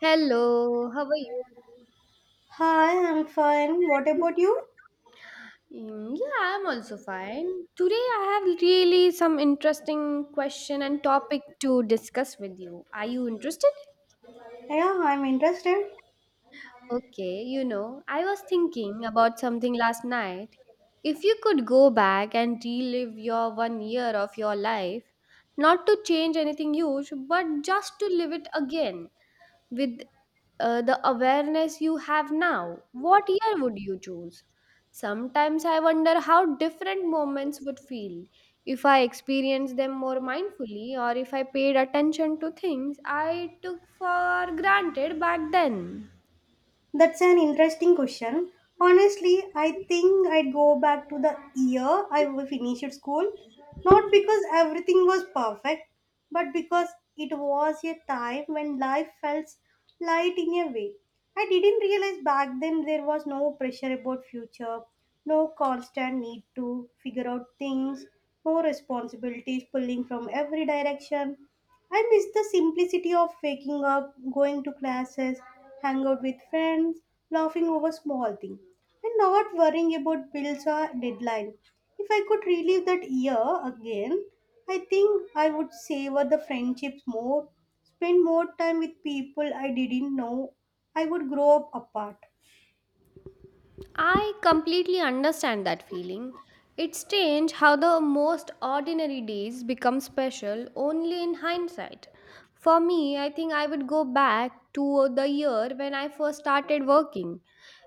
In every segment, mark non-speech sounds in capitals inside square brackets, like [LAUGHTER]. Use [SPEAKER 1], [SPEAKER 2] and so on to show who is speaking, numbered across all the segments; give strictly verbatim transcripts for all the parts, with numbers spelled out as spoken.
[SPEAKER 1] Hello, how are you?
[SPEAKER 2] Hi, I'm fine. What about you?
[SPEAKER 1] Mm, yeah, I'm also fine. Today I have really some interesting question and topic to discuss with you. Are you interested?
[SPEAKER 2] Yeah, I'm interested.
[SPEAKER 1] Okay, you know, I was thinking about something last night. If you could go back and relive your one year of your life, not to change anything huge, but just to live it again, with uh, the awareness you have now, what year would you choose? Sometimes I wonder how different moments would feel if I experienced them more mindfully or if I paid attention to things I took for granted back then.
[SPEAKER 2] That's an interesting question. Honestly, I think I'd go back to the year I finished school. Not because everything was perfect, but because it was a time when life felt light in a way. I didn't realize back then there was no pressure about future, no constant need to figure out things, no responsibilities pulling from every direction. I miss the simplicity of waking up, going to classes, hang out with friends, laughing over small things, and not worrying about bills or deadline. If I could relive that year again, I think I would savor the friendships more, spend more time with people I didn't know I would grow up apart.
[SPEAKER 1] I completely understand that feeling. It's strange how the most ordinary days become special only in hindsight. For me, I think I would go back to the year when I first started working.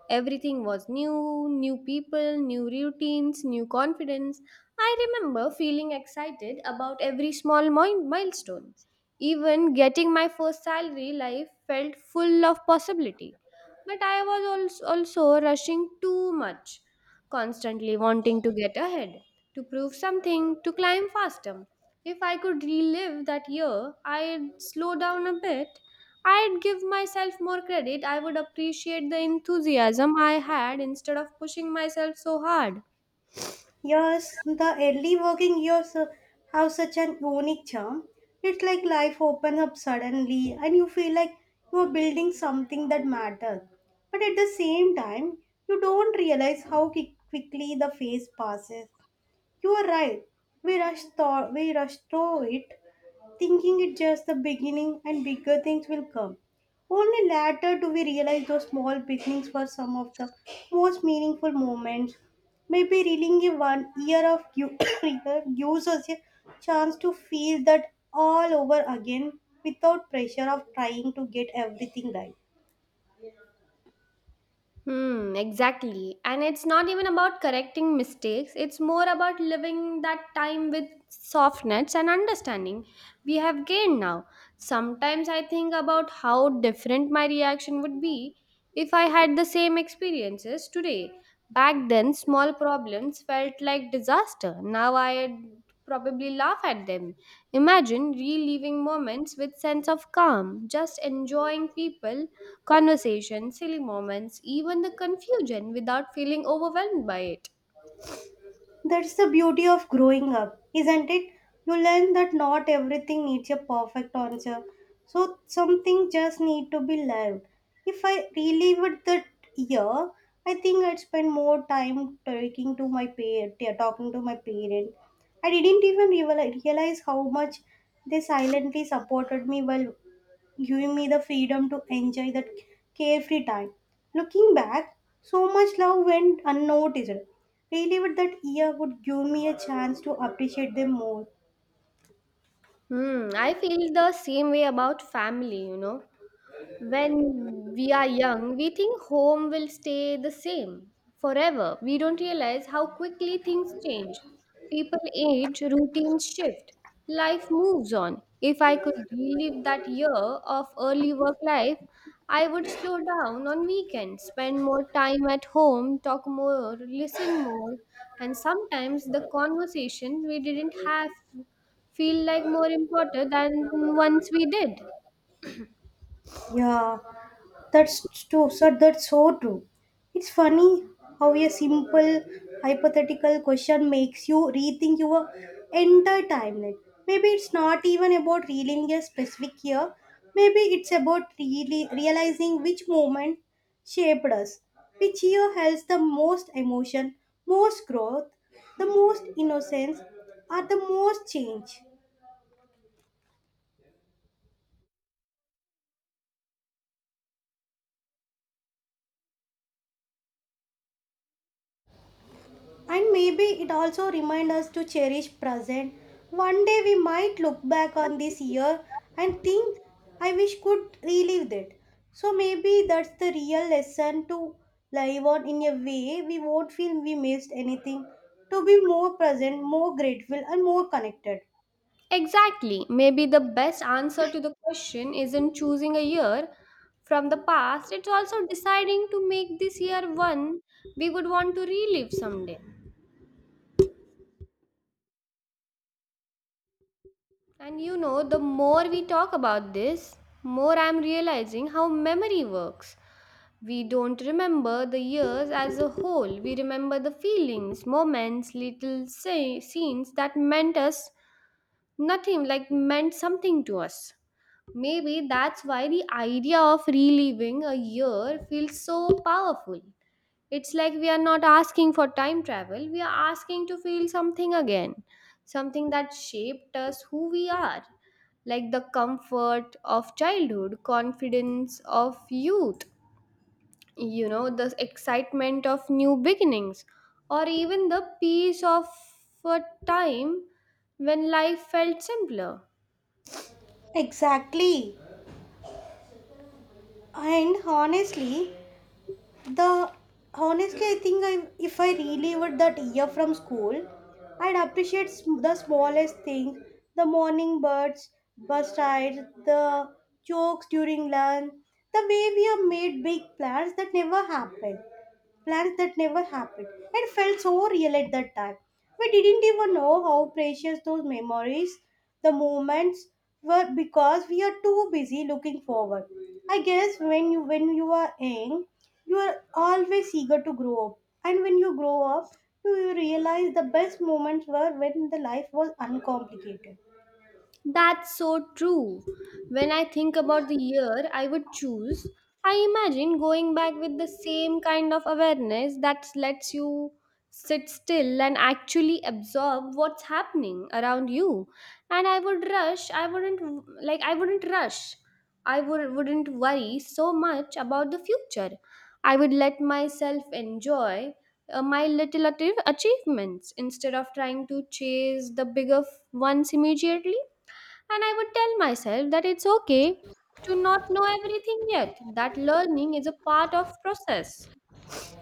[SPEAKER 1] Everything was new, new people, new routines, new confidence. I remember feeling excited about every small mi- milestone. Even getting my first salary life felt full of possibility. But I was als- also rushing too much, constantly wanting to get ahead, to prove something, to climb faster. If I could relive that year, I'd slow down a bit. I'd give myself more credit. I would appreciate the enthusiasm I had instead of pushing myself so hard.
[SPEAKER 2] Yes, the early working years uh, have such an unique charm. It's like life opens up suddenly and you feel like you are building something that matters. But at the same time, you don't realize how qui- quickly the phase passes. You are right. We rush through, we rush through it, thinking it just the beginning and bigger things will come. Only later do we realize those small beginnings were some of the most meaningful moments. Maybe reeling a one year of you [COUGHS] gives us a chance to feel that all over again without pressure of trying to get everything right.
[SPEAKER 1] Hmm, exactly. And it's not even about correcting mistakes, it's more about living that time with softness and understanding we have gained now. Sometimes I think about how different my reaction would be if I had the same experiences today. Back then, small problems felt like disaster. Now I'd probably laugh at them. Imagine reliving moments with sense of calm, just enjoying people, conversations, silly moments, even the confusion without feeling overwhelmed by it.
[SPEAKER 2] That's the beauty of growing up, isn't it? You learn that not everything needs a perfect answer. So some things just need to be learned. If I relived that year, I think I'd spend more time talking to my parent, yeah, talking to my parent. I didn't even reali- realize how much they silently supported me while giving me the freedom to enjoy that carefree time. Looking back, so much love went unnoticed. Really, with that year would give me a chance to appreciate them more.
[SPEAKER 1] Hmm, I feel the same way about family, you know. When we are young, we think home will stay the same forever. We don't realize how quickly things change. People age, routines shift, life moves on. If I could relive that year of early work life, I would slow down on weekends, spend more time at home, talk more, listen more, and sometimes the conversation we didn't have feel like more important than once we did.
[SPEAKER 2] Yeah, that's true, sir. That's so true. It's funny how a simple hypothetical question makes you rethink your entire timeline. Maybe it's not even about reeling a specific year. Maybe it's about really realizing which moment shaped us, which year has the most emotion, most growth, the most innocence, or the most change. And maybe it also reminds us to cherish present. One day we might look back on this year and think, I wish could relive it. So maybe that's the real lesson to live on in a way we won't feel we missed anything. To be more present, more grateful, and more connected.
[SPEAKER 1] Exactly. Maybe the best answer to the question isn't choosing a year from the past, it's also deciding to make this year one we would want to relive someday. And you know, the more we talk about this, more I'm realizing how memory works. We don't remember the years as a whole, we remember the feelings, moments, little say, scenes that meant us nothing like meant something to us. Maybe that's why the idea of reliving a year feels so powerful. It's like we are not asking for time travel, we are asking to feel something again, something that shaped us who we are, like the comfort of childhood, confidence of youth, you know the excitement of new beginnings, or even the peace of a time when life felt simpler.
[SPEAKER 2] Exactly. And honestly, the honestly I think I if I relived that year from school, I'd appreciate sm- the smallest things, the morning birds, bus rides, the jokes during lunch, the way we have made big plans that never happened plans that never happened. It felt so real at that time. We didn't even know how precious those memories, the moments were because we are too busy looking forward. I guess when you when you are young, you are always eager to grow up. And when you grow up, you realize the best moments were when the life was uncomplicated.
[SPEAKER 1] That's so true. When I think about the year I would choose, I imagine going back with the same kind of awareness that lets you sit still and actually absorb what's happening around you. And I would rush, I wouldn't like I wouldn't rush. I would wouldn't worry so much about the future. I would let myself enjoy uh, my little atti- achievements instead of trying to chase the bigger f- ones immediately. And I would tell myself that it's okay to not know everything yet, that learning is a part of process.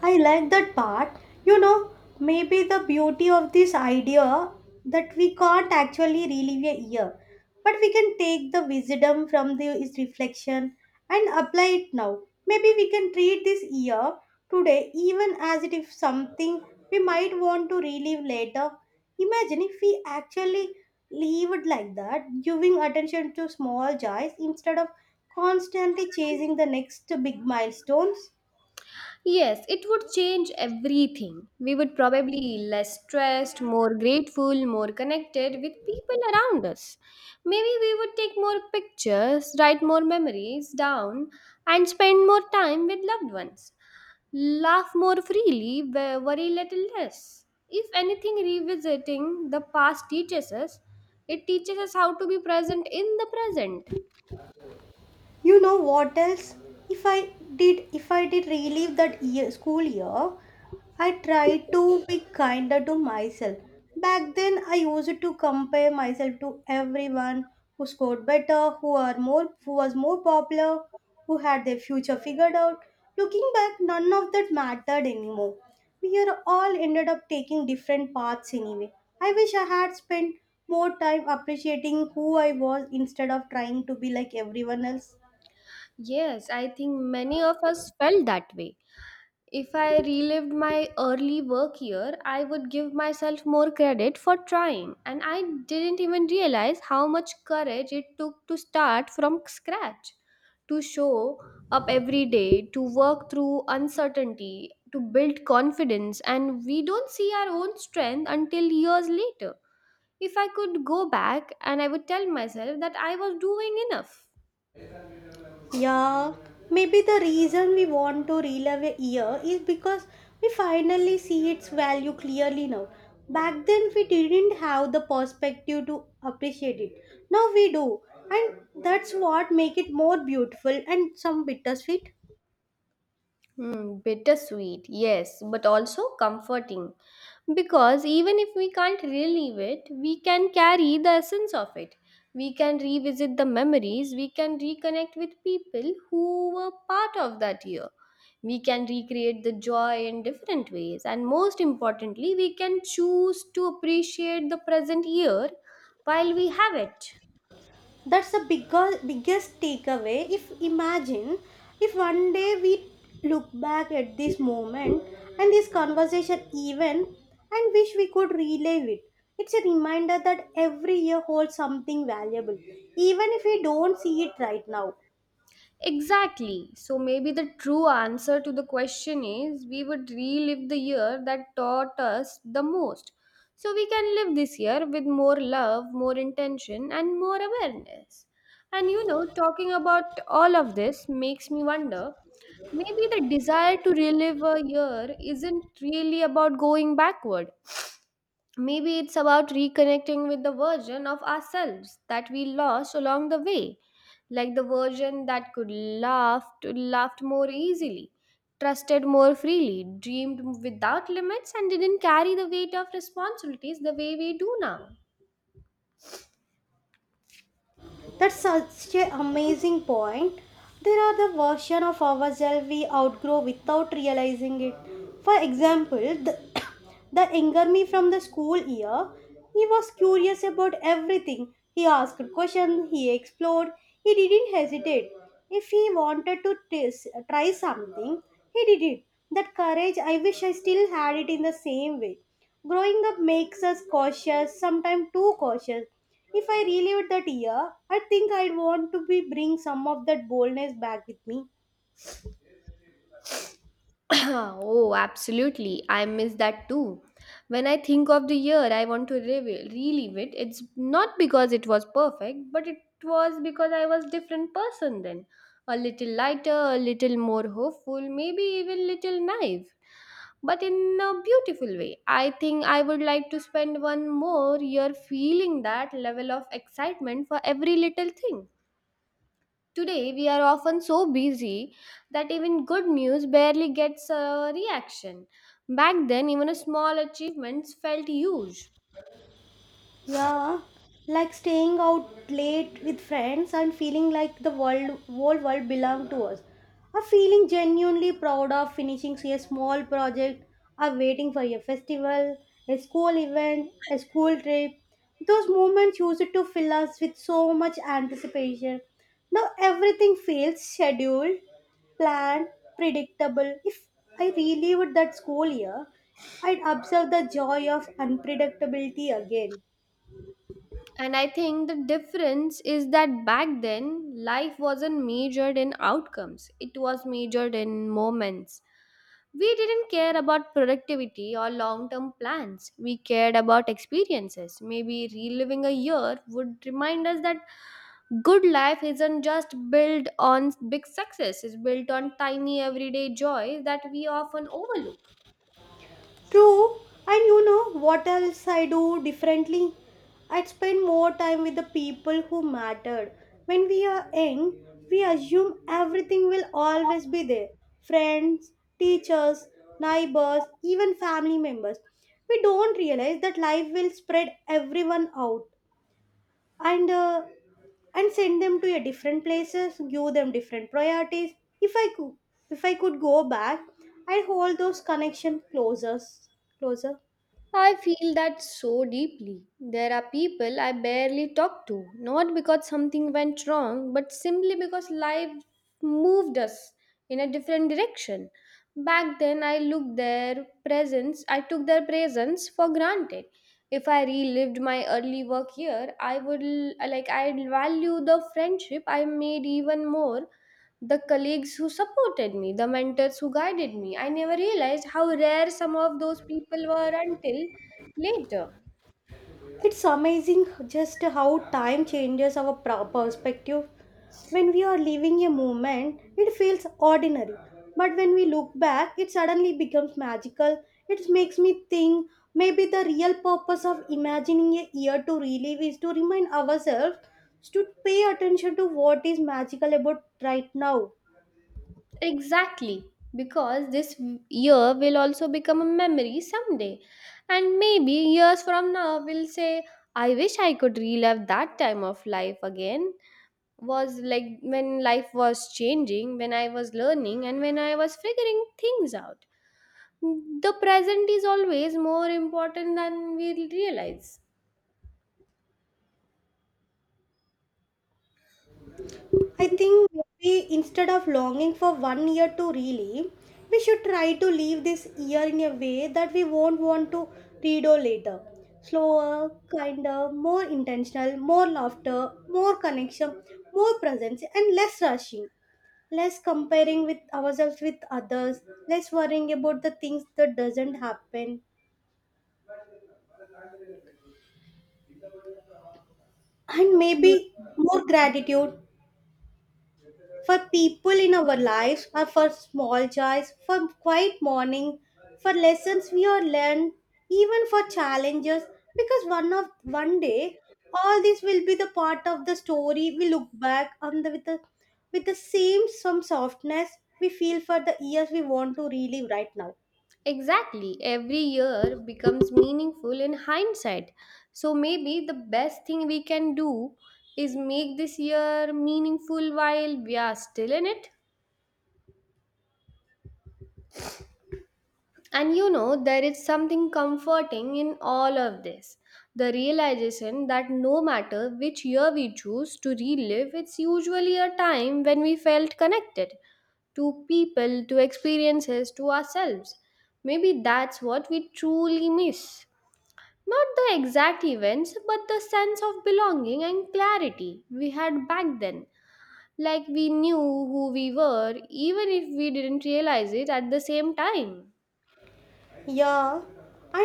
[SPEAKER 2] I like that part. You know, maybe the beauty of this idea that we can't actually relive a year, but we can take the wisdom from this reflection and apply it now. Maybe we can treat this year today even as it if something we might want to relive later. Imagine if we actually lived like that, giving attention to small joys instead of constantly chasing the next big milestones.
[SPEAKER 1] Yes, it would change everything. We would probably less stressed, more grateful, more connected with people around us. Maybe we would take more pictures, write more memories down, and spend more time with loved ones. Laugh more freely, wo- worry little less. If anything, revisiting the past teaches us, it teaches us how to be present in the present.
[SPEAKER 2] You know what else? If I did, if I did relive that year, school year, I tried to be kinder to myself. Back then, I used to compare myself to everyone who scored better, who are more, who was more popular, who had their future figured out. Looking back, none of that mattered anymore. We are all ended up taking different paths anyway. I wish I had spent more time appreciating who I was instead of trying to be like everyone else.
[SPEAKER 1] Yes, I think many of us felt that way. If I relived my early work year, I would give myself more credit for trying, and I didn't even realize how much courage it took to start from scratch, to show up every day, to work through uncertainty, to build confidence, and we don't see our own strength until years later. If I could go back and I would tell myself that I was doing enough.
[SPEAKER 2] Yeah, maybe the reason we want to relive a year is because we finally see its value clearly now. Back then, we didn't have the perspective to appreciate it. Now we do, and that's what make it more beautiful and some bittersweet.
[SPEAKER 1] Hmm, bittersweet, yes, but also comforting. Because even if we can't relive it, we can carry the essence of it. We can revisit the memories, we can reconnect with people who were part of that year. We can recreate the joy in different ways, and most importantly, we can choose to appreciate the present year while we have it.
[SPEAKER 2] That's the bigger, biggest takeaway. If imagine if one day we look back at this moment and this conversation even and wish we could relive it, it's a reminder that every year holds something valuable even if we don't see it right now.
[SPEAKER 1] Exactly. So maybe the true answer to the question is we would relive the year that taught us the most. So we can live this year with more love, more intention, and more awareness. And you know, talking about all of this makes me wonder maybe the desire to relive a year isn't really about going backward. Maybe it's about reconnecting with the version of ourselves that we lost along the way, like the version that could laugh, laughed more easily, trusted more freely, dreamed without limits, and didn't carry the weight of responsibilities the way we do now.
[SPEAKER 2] That's such an amazing point. There are the version of ourselves we outgrow without realizing it. For example, the, [COUGHS] the anger me from the school year, he was curious about everything. He asked questions, he explored, he didn't hesitate. If he wanted to tis- try something, he did it. That courage, I wish I still had it in the same way. Growing up makes us cautious, sometimes too cautious. If I relived that year, I think I'd want to be bring some of that boldness back with me.
[SPEAKER 1] [COUGHS] [CLEARS THROAT] Oh, absolutely. I miss that too. When I think of the year I want to revi- relive it, it's not because it was perfect, but it was because I was different person then. A little lighter, a little more hopeful, maybe even little naive, but in a beautiful way. I think I would like to spend one more year feeling that level of excitement for every little thing. Today, we are often so busy that even good news barely gets a reaction. Back then, even a small achievement felt huge.
[SPEAKER 2] Yeah, like staying out late with friends and feeling like the world, whole world belong to us. Or feeling genuinely proud of finishing say, a small project or waiting for a festival, a school event, a school trip. Those moments used to fill us with so much anticipation. Now everything feels scheduled, planned, predictable. If I relived that school year, I'd observe the joy of unpredictability again.
[SPEAKER 1] And I think the difference is that back then, life wasn't measured in outcomes, it was measured in moments. We didn't care about productivity or long term plans. We cared about experiences. Maybe reliving a year would remind us that good life isn't just built on big success, it's built on tiny everyday joy that we often overlook.
[SPEAKER 2] True, and you know what else I do differently? I'd spend more time with the people who mattered. When we are young, we assume everything will always be there, friends, teachers, neighbors, even family members. We don't realize that life will spread everyone out and uh, and send them to a different places, give them different priorities. If I could, if I could go back, I'd hold those connections closer, closer.
[SPEAKER 1] I feel that so deeply. There are people I barely talk to, not because something went wrong, but simply because life moved us in a different direction. Back then, I looked their presence, I took their presence for granted. If I relived my early work here, I would l- like I'd value the friendship I made even more, the colleagues who supported me, the mentors who guided me. I never realized how rare some of those people were until later.
[SPEAKER 2] It's amazing just how time changes our pro- perspective. When we are living a moment, it feels ordinary. But when we look back, it suddenly becomes magical. It makes me think maybe the real purpose of imagining a year to relive is to remind ourselves to pay attention to what is magical about right now.
[SPEAKER 1] Exactly, because this year will also become a memory someday. And maybe years from now, we'll say, I wish I could relive that time of life again. Was like when life was changing, when I was learning, and when I was figuring things out. The present is always more important than we realize.
[SPEAKER 2] I think we, instead of longing for one year to relive, we should try to live this year in a way that we won't want to redo later. Slower, kinder, more intentional, more laughter, more connection, more presence, and less rushing. Less comparing with ourselves with others, less worrying about the things that doesn't happen, and maybe more gratitude, for people in our lives, or for small joys, for quiet morning, for lessons we are learned, even for challenges, because one of one day all this will be the part of the story we look back on the with the with the same some softness we feel for the years we want to relive right now.
[SPEAKER 1] Exactly. Every year becomes meaningful in hindsight. So maybe the best thing we can do is make this year meaningful while we are still in it. And you know, there is something comforting in all of this. The realization that no matter which year we choose to relive, it's usually a time when we felt connected to people, to experiences, to ourselves. Maybe that's what we truly miss. Not the exact events, but the sense of belonging and clarity we had back then. Like we knew who we were, even if we didn't realize it at the same time.
[SPEAKER 2] Yeah, and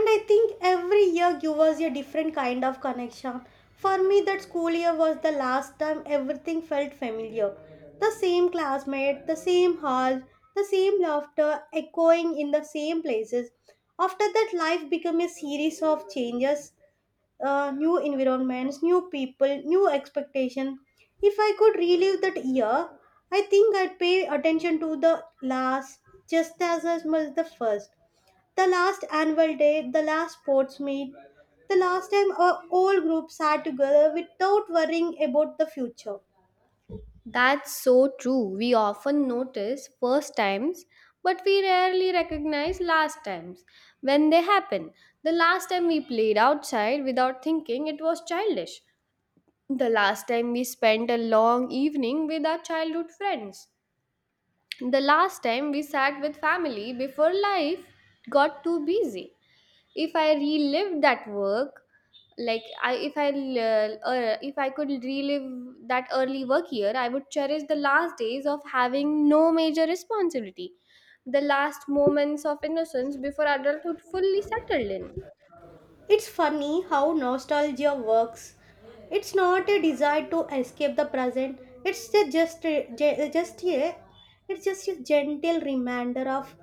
[SPEAKER 2] I think every year give us a different kind of connection. For me, that school year was the last time everything felt familiar. The same classmate, the same hall, the same laughter echoing in the same places. After that, life became a series of changes, uh, new environments, new people, new expectations. If I could relive that year, I think I'd pay attention to the last just as much as the first, the last annual day, the last sports meet, the last time our whole group sat together without worrying about the future.
[SPEAKER 1] That's so true. We often notice first times, but we rarely recognize last times when they happen. The last time we played outside without thinking, it was childish. The last time we spent a long evening with our childhood friends. The last time we sat with family before life got too busy. If I relived that work, like I, if I l- uh, if I could relive that early work year, I would cherish the last days of having no major responsibility, the last moments of innocence before adulthood fully settled in.
[SPEAKER 2] It's funny how nostalgia works. It's not a desire to escape the present. It's the just ge- just a it's just a gentle reminder of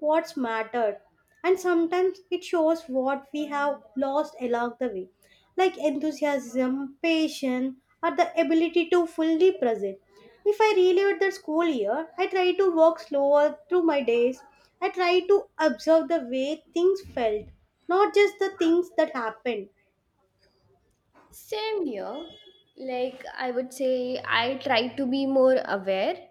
[SPEAKER 2] what's mattered. And sometimes it shows what we have lost along the way, like enthusiasm, patience, or the ability to fully present. If I relived the school year, I try to walk slower through my days. I try to observe the way things felt, not just the things that happened.
[SPEAKER 1] Same here. Like I would say, I try to be more aware,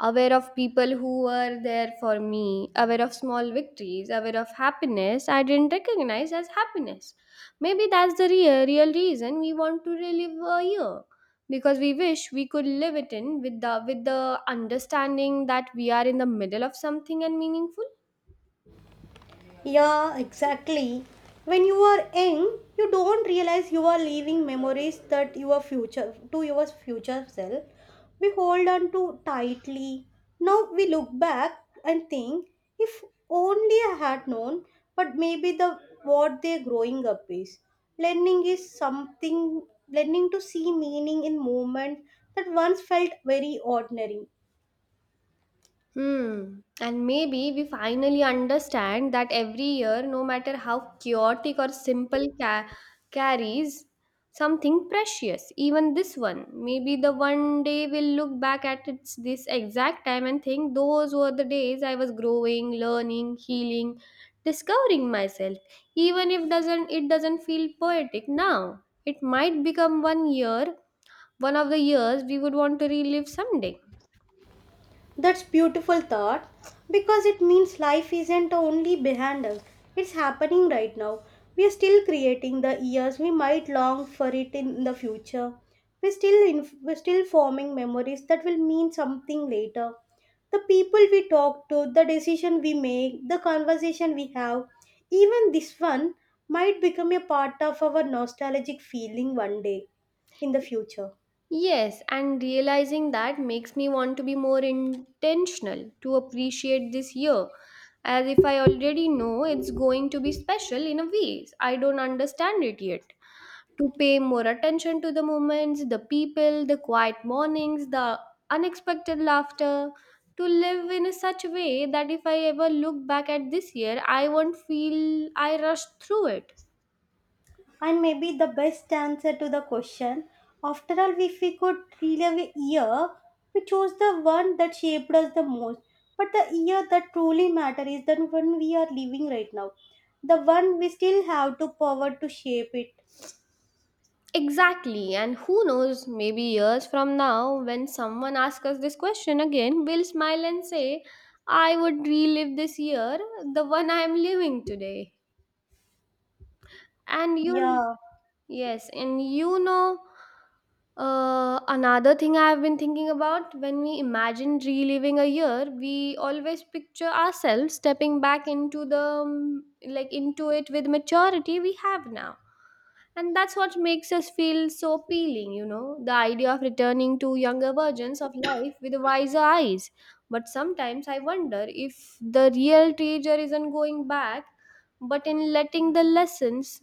[SPEAKER 1] aware of people who were there for me, aware of small victories, aware of happiness I didn't recognize as happiness. Maybe that's the real, real reason we want to relive a year because we wish we could live it in with the with the understanding that we are in the middle of something and meaningful.
[SPEAKER 2] Yeah, exactly. When you are young, you don't realize you are leaving memories that your future to your future self. We hold on to tightly. Now we look back and think, if only I had known, but maybe the what they're growing up is. Learning is something learning to see meaning in moment that once felt very ordinary.
[SPEAKER 1] Hmm. And maybe we finally understand that every year, no matter how chaotic or simple, ca- carries something precious. Even this one. Maybe the one day we'll look back at its this exact time and think those were the days I was growing, learning, healing, discovering myself. Even if doesn't it doesn't feel poetic now. It might become one year, one of the years we would want to relive someday.
[SPEAKER 2] That's beautiful thought because it means life isn't only behind us. It's happening right now. We are still creating the years we might long for it in the future. We are still in. We're still forming memories that will mean something later. The people we talk to, the decision we make, the conversation we have, even this one might become a part of our nostalgic feeling one day in the future.
[SPEAKER 1] Yes, and realizing that makes me want to be more intentional to appreciate this year, as if I already know it's going to be special in a way. I don't understand it yet. To pay more attention to the moments, the people, the quiet mornings, the unexpected laughter, to live in such a way that if I ever look back at this year, I won't feel I rushed through it.
[SPEAKER 2] And maybe the best answer to the question. After all, if we could relive a year, we chose the one that shaped us the most. But the year that truly matters is the one we are living right now, the one we still have to power to shape it.
[SPEAKER 1] Exactly, and who knows, maybe years from now, when someone asks us this question again, we'll smile and say, I would relive this year, the one I'm living today. And you,
[SPEAKER 2] Yeah.
[SPEAKER 1] yes, and you know, uh, another thing I've been thinking about: when we imagine reliving a year, we always picture ourselves stepping back into the um, like into it with maturity we have now. And that's what makes us feel so appealing, you know, the idea of returning to younger versions of life with wiser eyes. But sometimes I wonder if the real treasure isn't going back, but in letting the lessons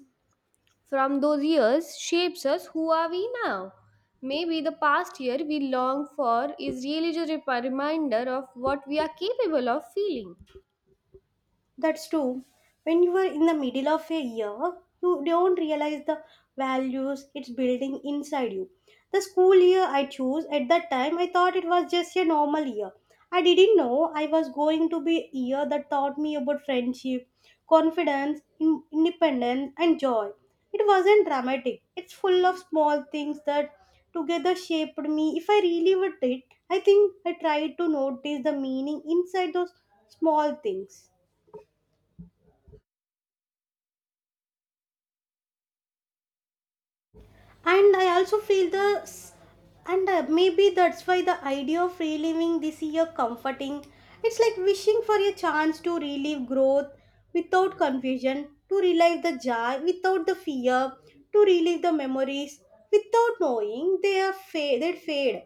[SPEAKER 1] from those years shapes us who are we now. Maybe the past year we long for is really just a reminder of what we are capable of feeling.
[SPEAKER 2] That's true. When you are in the middle of a year, you don't realize the values it's building inside you. The school year I chose at that time, I thought it was just a normal year. I didn't know I was going to be a year that taught me about friendship, confidence, in- independence, and joy. It wasn't dramatic. It's full of small things that together shaped me. If I really would it, I think I tried to notice the meaning inside those small things. And I also feel the s- and uh, Maybe that's why the idea of reliving this year comforting, it's like wishing for a chance to relive growth without confusion, to relive the joy without the fear, to relive the memories without knowing they are fa- they fade.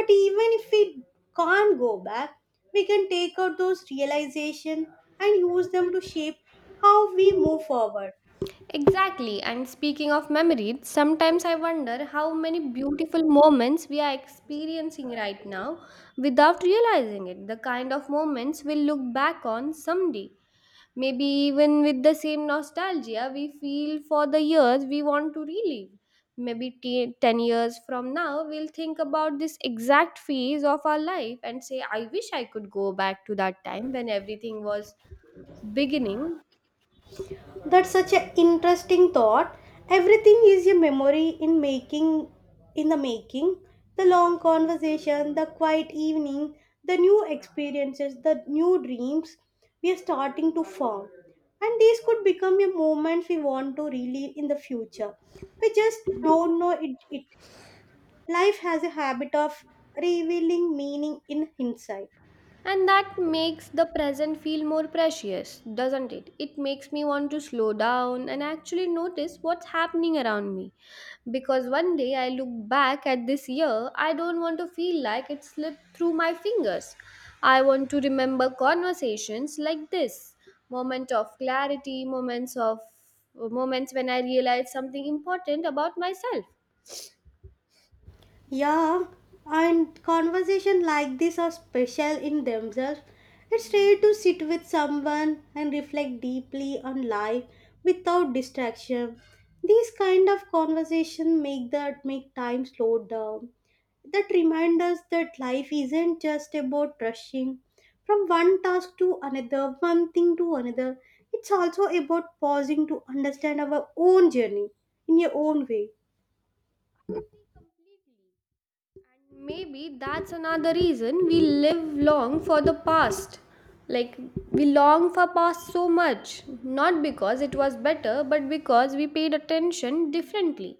[SPEAKER 2] But even if we can't go back, we can take out those realization and use them to shape how we move forward.
[SPEAKER 1] Exactly, and speaking of memories, sometimes I wonder how many beautiful moments we are experiencing right now without realizing it. The kind of moments we'll look back on someday, maybe even with the same nostalgia we feel for the years we want to relive. Maybe t- ten years from now, we'll think about this exact phase of our life and say, I wish I could go back to that time when everything was beginning.
[SPEAKER 2] That's such an interesting thought. Everything is a memory in making in the making. The long conversation, the quiet evening, the new experiences, the new dreams we are starting to form, and these could become a moments we want to relive in the future. We just don't know it, it Life has a habit of revealing meaning in hindsight.
[SPEAKER 1] And that makes the present feel more precious, doesn't it? It makes me want to slow down and actually notice what's happening around me. Because one day I look back at this year, I don't want to feel like it slipped through my fingers. I want to remember conversations like this, moment of clarity, moments of moments when I realized something important about myself.
[SPEAKER 2] Yeah, and conversation like this are special in themselves. It's rare to sit with someone and reflect deeply on life without distraction. These kind of conversation make that make time slow down. That remind us that life isn't just about rushing from one task to another, one thing to another. It's also about pausing to understand our own journey in your own way.
[SPEAKER 1] Maybe that's another reason we live long for the past. Like, we long for past so much, not because it was better, but because we paid attention differently.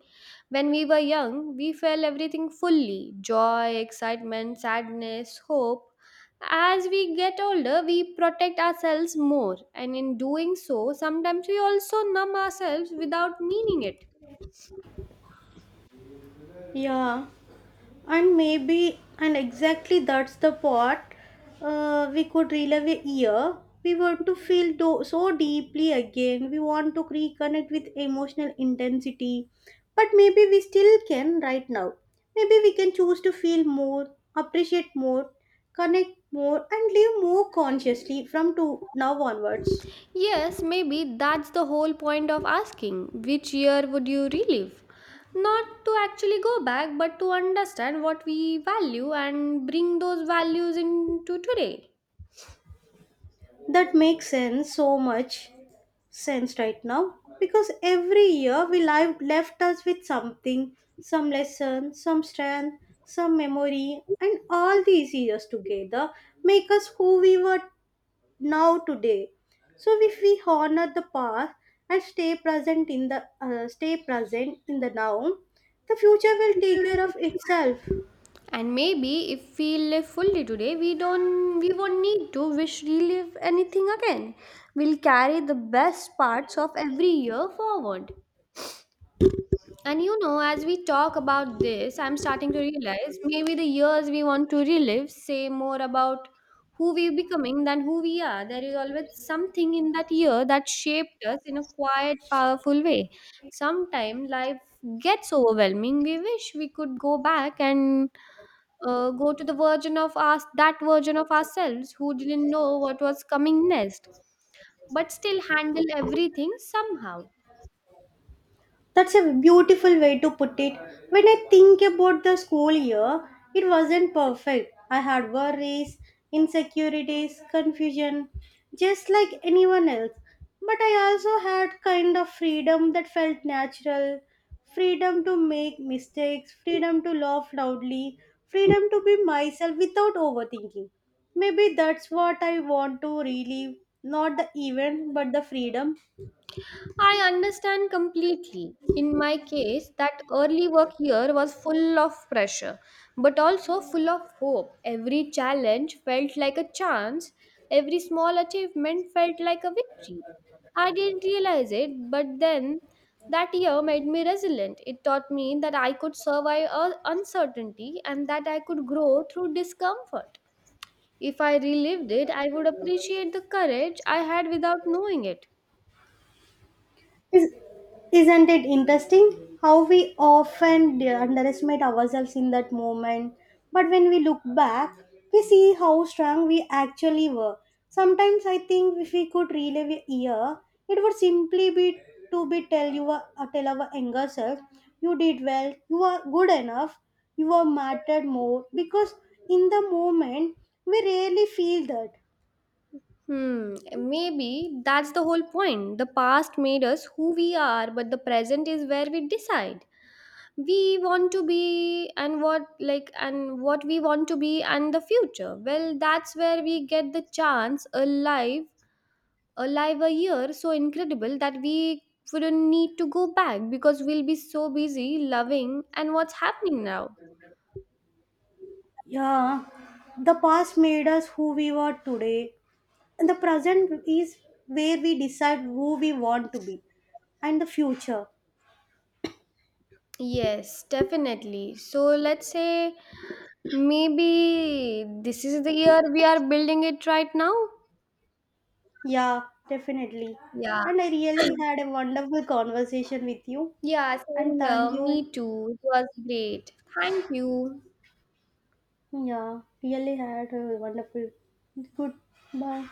[SPEAKER 1] When we were young, we felt everything fully: joy, excitement, sadness, hope. As we get older, we protect ourselves more, and in doing so, sometimes we also numb ourselves without meaning it.
[SPEAKER 2] Yeah. and maybe and exactly that's the part, uh, we could relive a year, we want to feel do- so deeply again, we want to reconnect with emotional intensity. But maybe we still can right now. Maybe we can choose to feel more, appreciate more, connect more, and live more consciously from to now onwards.
[SPEAKER 1] Yes, maybe that's the whole point of asking which year would you relive? Not to actually go back, but to understand what we value and bring those values into today.
[SPEAKER 2] That makes sense, so much sense right now, because every year we live left us with something, some lesson, some strength, some memory, and all these years together make us who we were now today. So if we honor the past and stay present in the uh, stay present in the now, the future will take care of itself.
[SPEAKER 1] And maybe if we live fully today, we don't we won't need to wish relive anything again. We'll carry the best parts of every year forward. And you know, as we talk about this, I'm starting to realize maybe the years we want to relive say more about who we're becoming than who we are. There is always something in that year that shaped us in a quiet, powerful way. Sometimes life gets overwhelming. We wish we could go back and uh, go to the version of us, that version of ourselves who didn't know what was coming next, but still handle everything somehow.
[SPEAKER 2] That's a beautiful way to put it. When I think about the school year, it wasn't perfect. I had worries, insecurities, confusion, just like anyone else. But I also had kind of freedom that felt natural, freedom to make mistakes, freedom to laugh loudly, freedom to be myself without overthinking. Maybe that's what I want to relive, not the event, but the freedom.
[SPEAKER 1] I understand completely. In my case, that early work year was full of pressure, but also full of hope. Every challenge felt like a chance, every small achievement felt like a victory. I didn't realize it, but then that year made me resilient. It taught me that I could survive uh, uncertainty and that I could grow through discomfort. If I relived it, I would appreciate the courage I had without knowing it.
[SPEAKER 2] Is, isn't it interesting how we often de- underestimate ourselves in that moment? But when we look back, we see how strong we actually were. Sometimes I think if we could relive a year, it would simply be to be tell you uh, tell our younger self, you did well, you are good enough, you are mattered more. Because in the moment, we rarely feel that.
[SPEAKER 1] Hmm, maybe that's the whole point. The past made us who we are, but the present is where we decide. We want to be and what like and what we want to be and the future. Well, that's where we get the chance alive, alive a year so incredible that we wouldn't need to go back because we'll be so busy loving and what's happening now.
[SPEAKER 2] Yeah, the past made us who we were today. And the present is where we decide who we want to be and the future.
[SPEAKER 1] Yes, definitely. So let's say, maybe this is the year we are building it right now.
[SPEAKER 2] Yeah, definitely.
[SPEAKER 1] Yeah.
[SPEAKER 2] And I really had a wonderful conversation with you.
[SPEAKER 1] Yeah, same
[SPEAKER 2] And
[SPEAKER 1] here.
[SPEAKER 2] thank you.
[SPEAKER 1] Me too. It was great. Thank you.
[SPEAKER 2] Yeah, really had a wonderful. Good. Bye.